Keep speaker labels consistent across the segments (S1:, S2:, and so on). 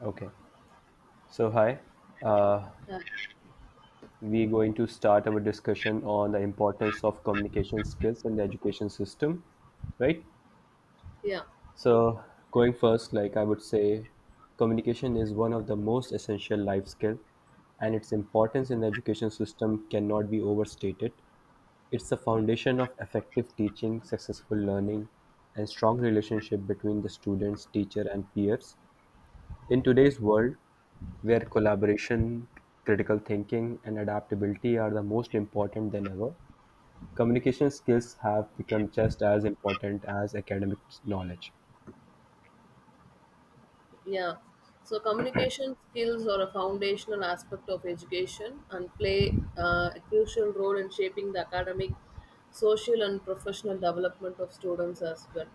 S1: Okay, so hi. Uh,
S2: Uh,
S1: we're going to start our discussion on the importance of communication skills in the education system, right?
S2: yeah,
S1: So, going first, like I would say, communication is one of the most essential life skill, and its importance in the education system cannot be overstated. It's the foundation of effective teaching, successful learning, and strong relationship between the students, teacher, and peers. In today's world, where collaboration, critical thinking, and adaptability are the most important than ever, communication skills have become just as important as academic knowledge.
S2: yeah. So communication skills are a foundational aspect of education and play a crucial role in shaping the academic, social, and professional development of students as well.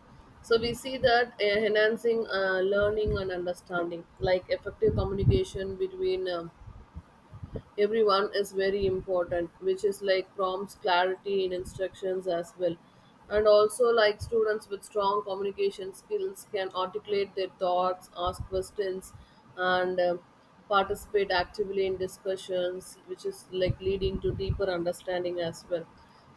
S2: So we see that enhancing learning and understanding, like effective communication between everyone is very important which is like prompts clarity in instructions as well, and also like students with strong communication skills can articulate their thoughts, ask questions, and participate actively in discussions, which is like leading to deeper understanding as well.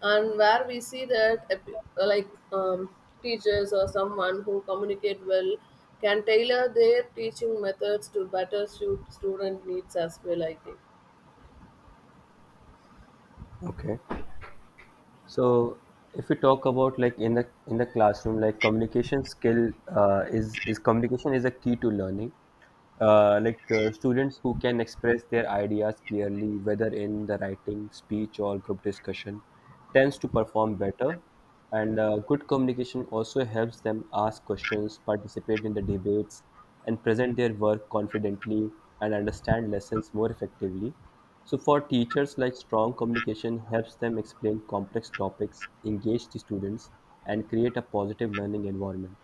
S2: And where we see that like teachers or someone who communicate well can tailor their teaching methods to better suit student needs as well, I think.
S1: Okay. So if we talk about like in the classroom, like communication skill is communication is a key to learning. Students who can express their ideas clearly, whether in the writing, speech, or group discussion, tends to perform better. And good communication also helps them ask questions, participate in the debates, and present their work confidently and understand lessons more effectively. So for teachers, like strong communication helps them explain complex topics, engage the students, and create a positive learning environment.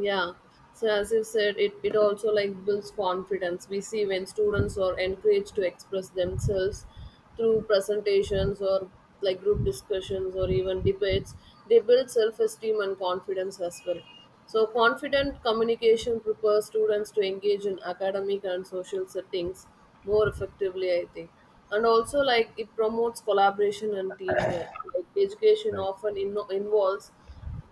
S2: Yeah. So as you said, it also like builds confidence. We see when students are encouraged to express themselves through presentations or like group discussions or even debates, they build self-esteem and confidence as well. So confident communication prepares students to engage in academic and social settings more effectively, I think. And also like it promotes collaboration and teamwork. Like education often involves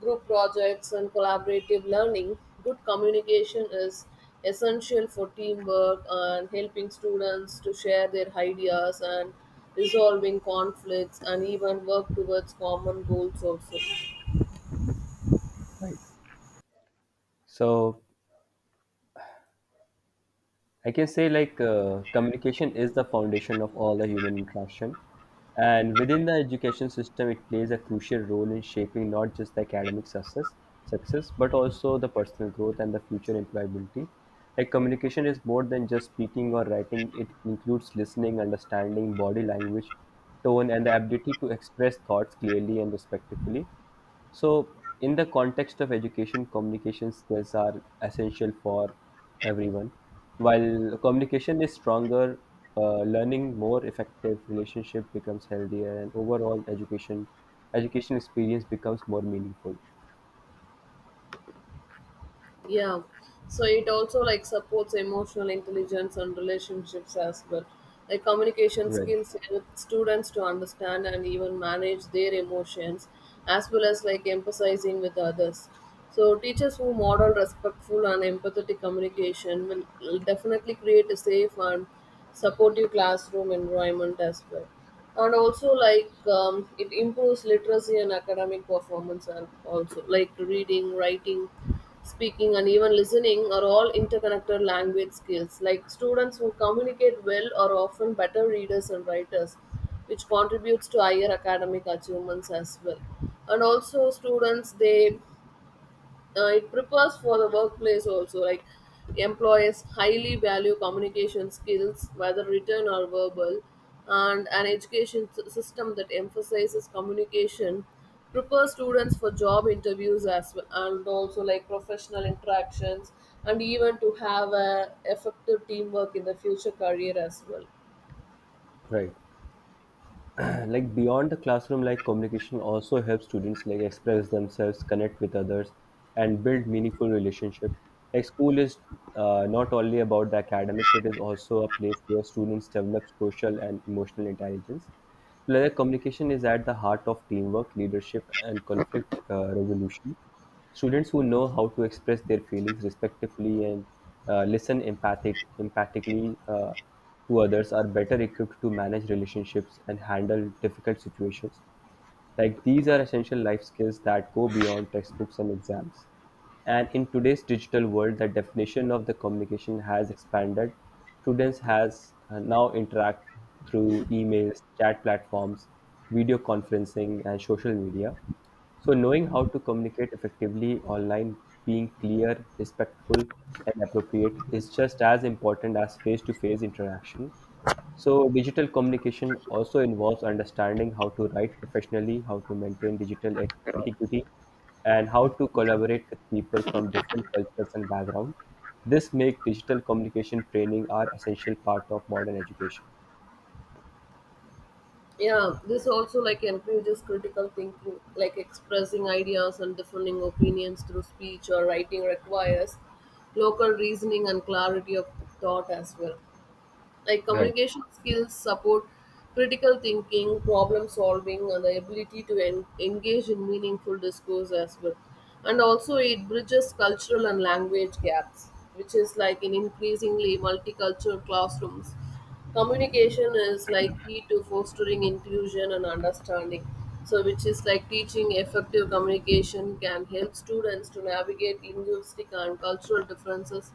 S2: group projects, and collaborative learning. Good communication is essential for teamwork and helping students to share their ideas and resolving conflicts and even work towards common goals also.
S1: Right, so I can say like communication is the foundation of all the human interaction. And within the education system, it plays a crucial role in shaping not just the academic success, but also the personal growth and the future employability. Like communication is more than just speaking or writing. It includes listening, understanding, body language, tone, and the ability to express thoughts clearly and respectfully. So, in the context of education, communication skills are essential for everyone. While communication is stronger, learning more effective relationship becomes healthier, and overall education experience becomes more meaningful.
S2: Yeah, so it also like supports emotional intelligence and relationships as well. Like communication
S1: Right,
S2: skills help students to understand and even manage their emotions as well as like emphasizing with others. So teachers who model respectful and empathetic communication will definitely create a safe and supportive classroom environment as well. And also like it improves literacy and academic performance, and also like reading, writing, speaking, and even listening are all interconnected language skills. Like students who communicate well are often better readers and writers, which contributes to higher academic achievements as well. And also, students they it prepares for the workplace also. Like employees highly value communication skills whether written or verbal, and an education system that emphasizes communication prepare students for job interviews as well, and also like professional interactions and even to have a effective teamwork in the future career as well.
S1: right. Like beyond the classroom, like communication also helps students like express themselves, connect with others, and build meaningful relationship. Like school is not only about the academics, it is also a place where students develop social and emotional intelligence. Like communication is at the heart of teamwork, leadership, and conflict resolution. Students who know how to express their feelings respectfully and empathically to others are better equipped to manage relationships and handle difficult situations. Like these are essential life skills that go beyond textbooks and exams. And in today's digital world, the definition of the communication has expanded. Students has now interact through emails, chat platforms, video conferencing, and social media. So knowing how to communicate effectively online, being clear, respectful, and appropriate is just as important as face-to-face interaction. So, digital communication also involves understanding how to write professionally, how to maintain digital etiquette, and how to collaborate with people from different cultures and backgrounds. This makes digital communication training are essential part of modern education.
S2: Yeah, this also like encourages critical thinking, like expressing ideas and defending opinions through speech or writing requires local reasoning and clarity of thought as well. Like
S1: Right.
S2: communication skills support critical thinking, problem solving, and the ability to engage in meaningful discourse as well. And also it bridges cultural and language gaps, which is like in increasingly multicultural classrooms communication is like key to fostering inclusion and understanding. So which is like teaching effective communication can help students to navigate linguistic and cultural differences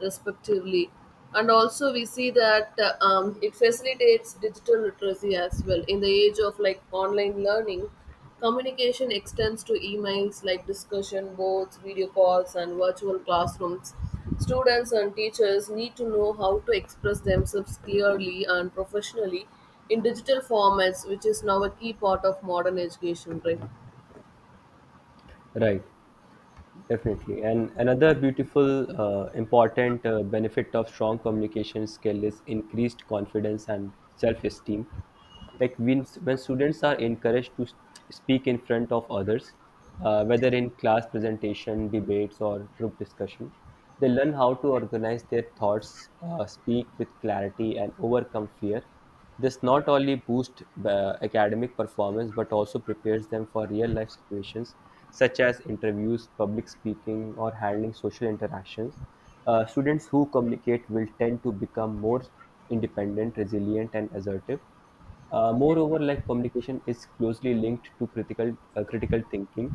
S2: respectively. And also we see that it facilitates digital literacy as well. In the age of like online learning, communication extends to emails, like discussion boards, video calls, and virtual classrooms. Students and teachers need to know how to express themselves clearly and professionally in digital formats, which is now a key part of modern education, right?
S1: Right. Definitely. And another beautiful, important benefit of strong communication skill is increased confidence and self-esteem. Like when students are encouraged to speak in front of others, whether in class presentation, debates, or group discussion, they learn how to organize their thoughts, speak with clarity, and overcome fear. This not only boosts academic performance but also prepares them for real life situations such as interviews, public speaking, or handling social interactions. Students who communicate will tend to become more independent, resilient, and assertive. Moreover, like communication is closely linked to critical thinking,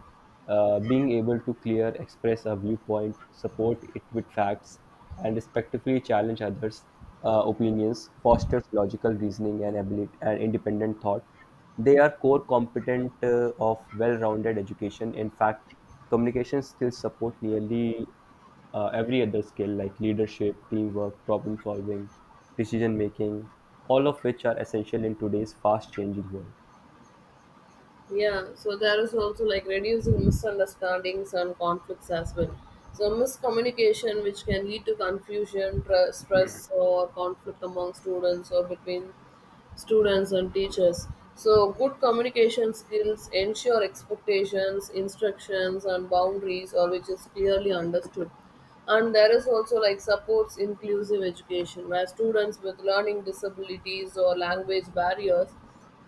S1: being able to clear express a viewpoint, support it with facts, and respectfully challenge others' opinions fosters logical reasoning and ability and independent thought. They are core competent of well-rounded education. In fact, communication skills support nearly every other skill like leadership, teamwork, problem solving, decision making, all of which are essential in today's fast changing world,
S2: Yeah, so there is also like reducing misunderstandings and conflicts as well. So miscommunication, which can lead to confusion, stress, or conflict among students or between students and teachers. So good communication skills ensure expectations, instructions, and boundaries, or which is clearly understood. And there is also like supports inclusive education, where students with learning disabilities or language barriers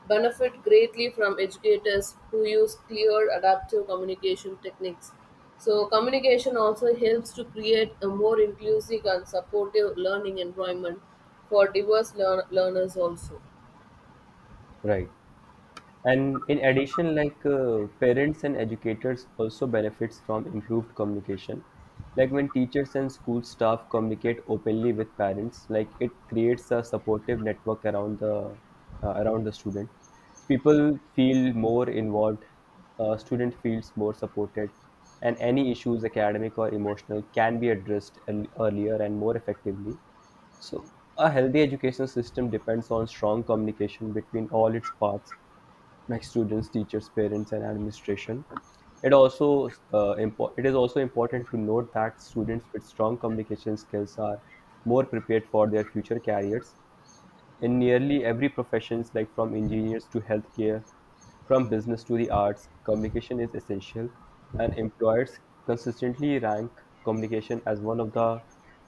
S2: benefit greatly from educators who use clear adaptive communication techniques. So, communication also helps to create a more inclusive and supportive learning environment for diverse learners, also.
S1: right? And in addition, like parents and educators also benefits from improved communication. Like when teachers and school staff communicate openly with parents, like it creates a supportive network around the student. People feel more involved. Student feels more supported, and any issues, academic or emotional, can be addressed earlier and more effectively. So, a healthy education system depends on strong communication between all its parts like students, teachers, parents, and administration. It also it is also important to note that students with strong communication skills are more prepared for their future careers in nearly every professions like from engineers to healthcare, from business to the arts, communication is essential, and employers consistently rank communication as one of the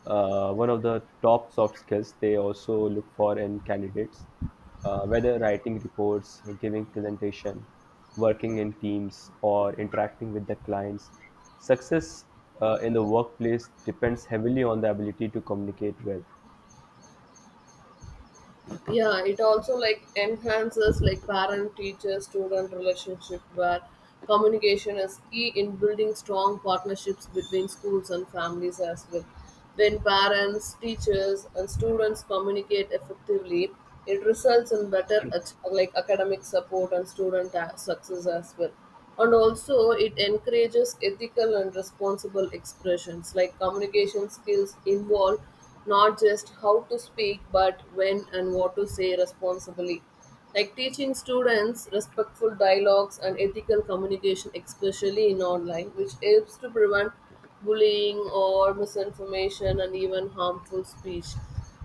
S1: uh, one of the top soft skills they also look for in candidates. Whether writing reports, giving presentation, working in teams, or interacting with the clients, success in the workplace depends heavily on the ability to communicate well.
S2: Yeah, it also like enhances like parent teacher student relationship where communication is key in building strong partnerships between schools and families as well. When parents, teachers, and students communicate effectively, it results in better like academic support and student success as well. And also, it encourages ethical and responsible expressions. Like communication skills involve not just how to speak but when and what to say responsibly. Like teaching students respectful dialogues and ethical communication, especially in online, which helps to prevent bullying or misinformation and even harmful speech.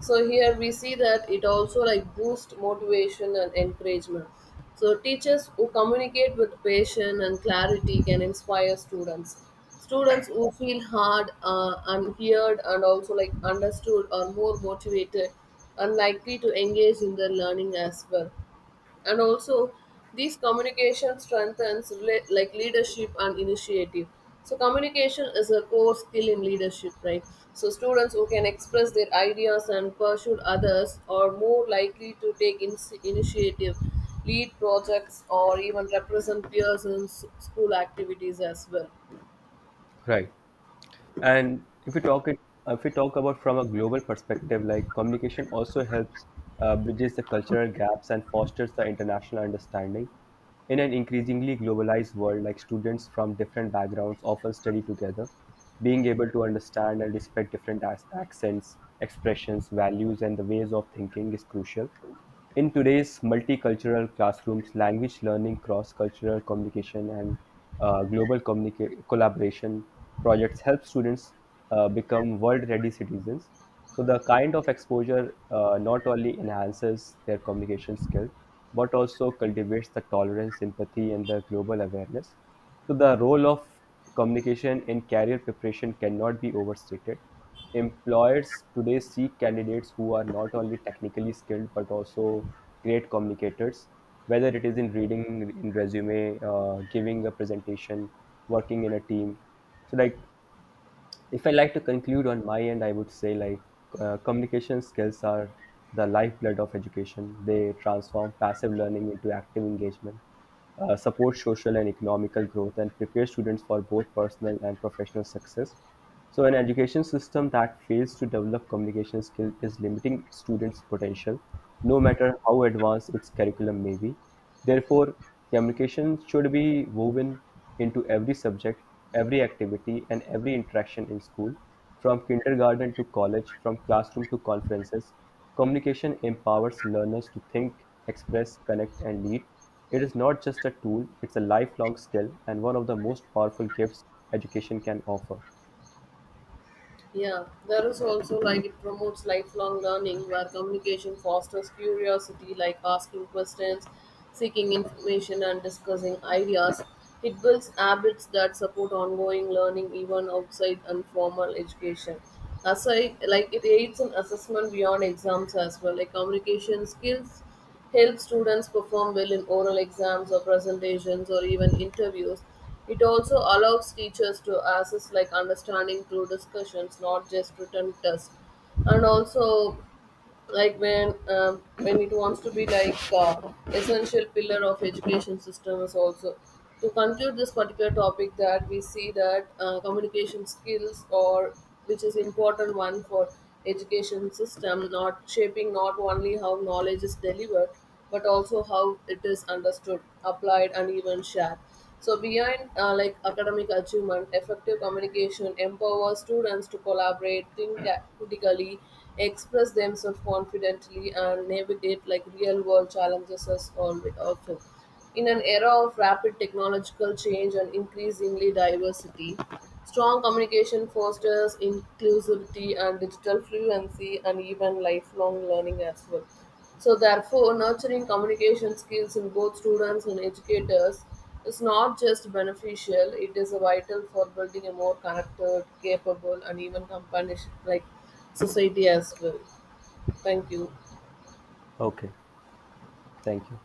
S2: So here we see that it also like boosts motivation and encouragement. So teachers who communicate with passion and clarity can inspire students. Students who feel hard, unheard, and also like understood are more motivated and likely to engage in their learning as well. And also, these communication strengthens like leadership and initiative. So communication is a core skill in leadership, right? So students who can express their ideas and pursue others are more likely to take initiative, lead projects, or even represent peers in school activities as well.
S1: Right. And if we talk about from a global perspective, like communication also helps bridges the cultural gaps and fosters the international understanding. In an increasingly globalized world, like students from different backgrounds often study together, being able to understand and respect different accents, expressions, values, and the ways of thinking is crucial. In today's multicultural classrooms, language learning, cross-cultural communication, and collaboration projects help students become world-ready citizens. So the kind of exposure not only enhances their communication skill, but also cultivates the tolerance, empathy, and the global awareness. So the role of communication in career preparation cannot be overstated. Employers today seek candidates who are not only technically skilled but also great communicators, whether it is in reading in resume, giving a presentation, working in a team. So like if I like to conclude on my end, I would say like communication skills are the lifeblood of education. They transform passive learning into active engagement, support social and economical growth, and prepare students for both personal and professional success. So, an education system that fails to develop communication skill is limiting its students' potential, no matter how advanced its curriculum may be. Therefore, communication should be woven into every subject, every activity, and every interaction in school, from kindergarten to college, from classroom to conferences. Communication empowers learners to think, express, connect, and lead. It is not just a tool, it's a lifelong skill and one of the most powerful gifts education can offer.
S2: Yeah, there is also like it promotes lifelong learning, where communication fosters curiosity, like asking questions, seeking information, and discussing ideas. It builds habits that support ongoing learning even outside informal education. Aside, like it aids in assessment beyond exams as well. Like communication skills help students perform well in oral exams or presentations or even interviews. It also allows teachers to assess like understanding through discussions, not just written tests. And also, like when it wants to be like essential pillar of education system is also to conclude this particular topic that we see that communication skills or which is important one for education system not shaping not only how knowledge is delivered but also how it is understood, applied, and even shared. So beyond like academic achievement, effective communication empowers students to collaborate, think critically, express themselves confidently, and navigate like real-world challenges as all often. In an era of rapid technological change and increasingly diversity, strong communication fosters inclusivity and digital fluency and even lifelong learning as well. So therefore, nurturing communication skills in both students and educators is not just beneficial, it is vital for building a more connected, capable, and even companionship like society as well. Thank you.
S1: Okay, thank you.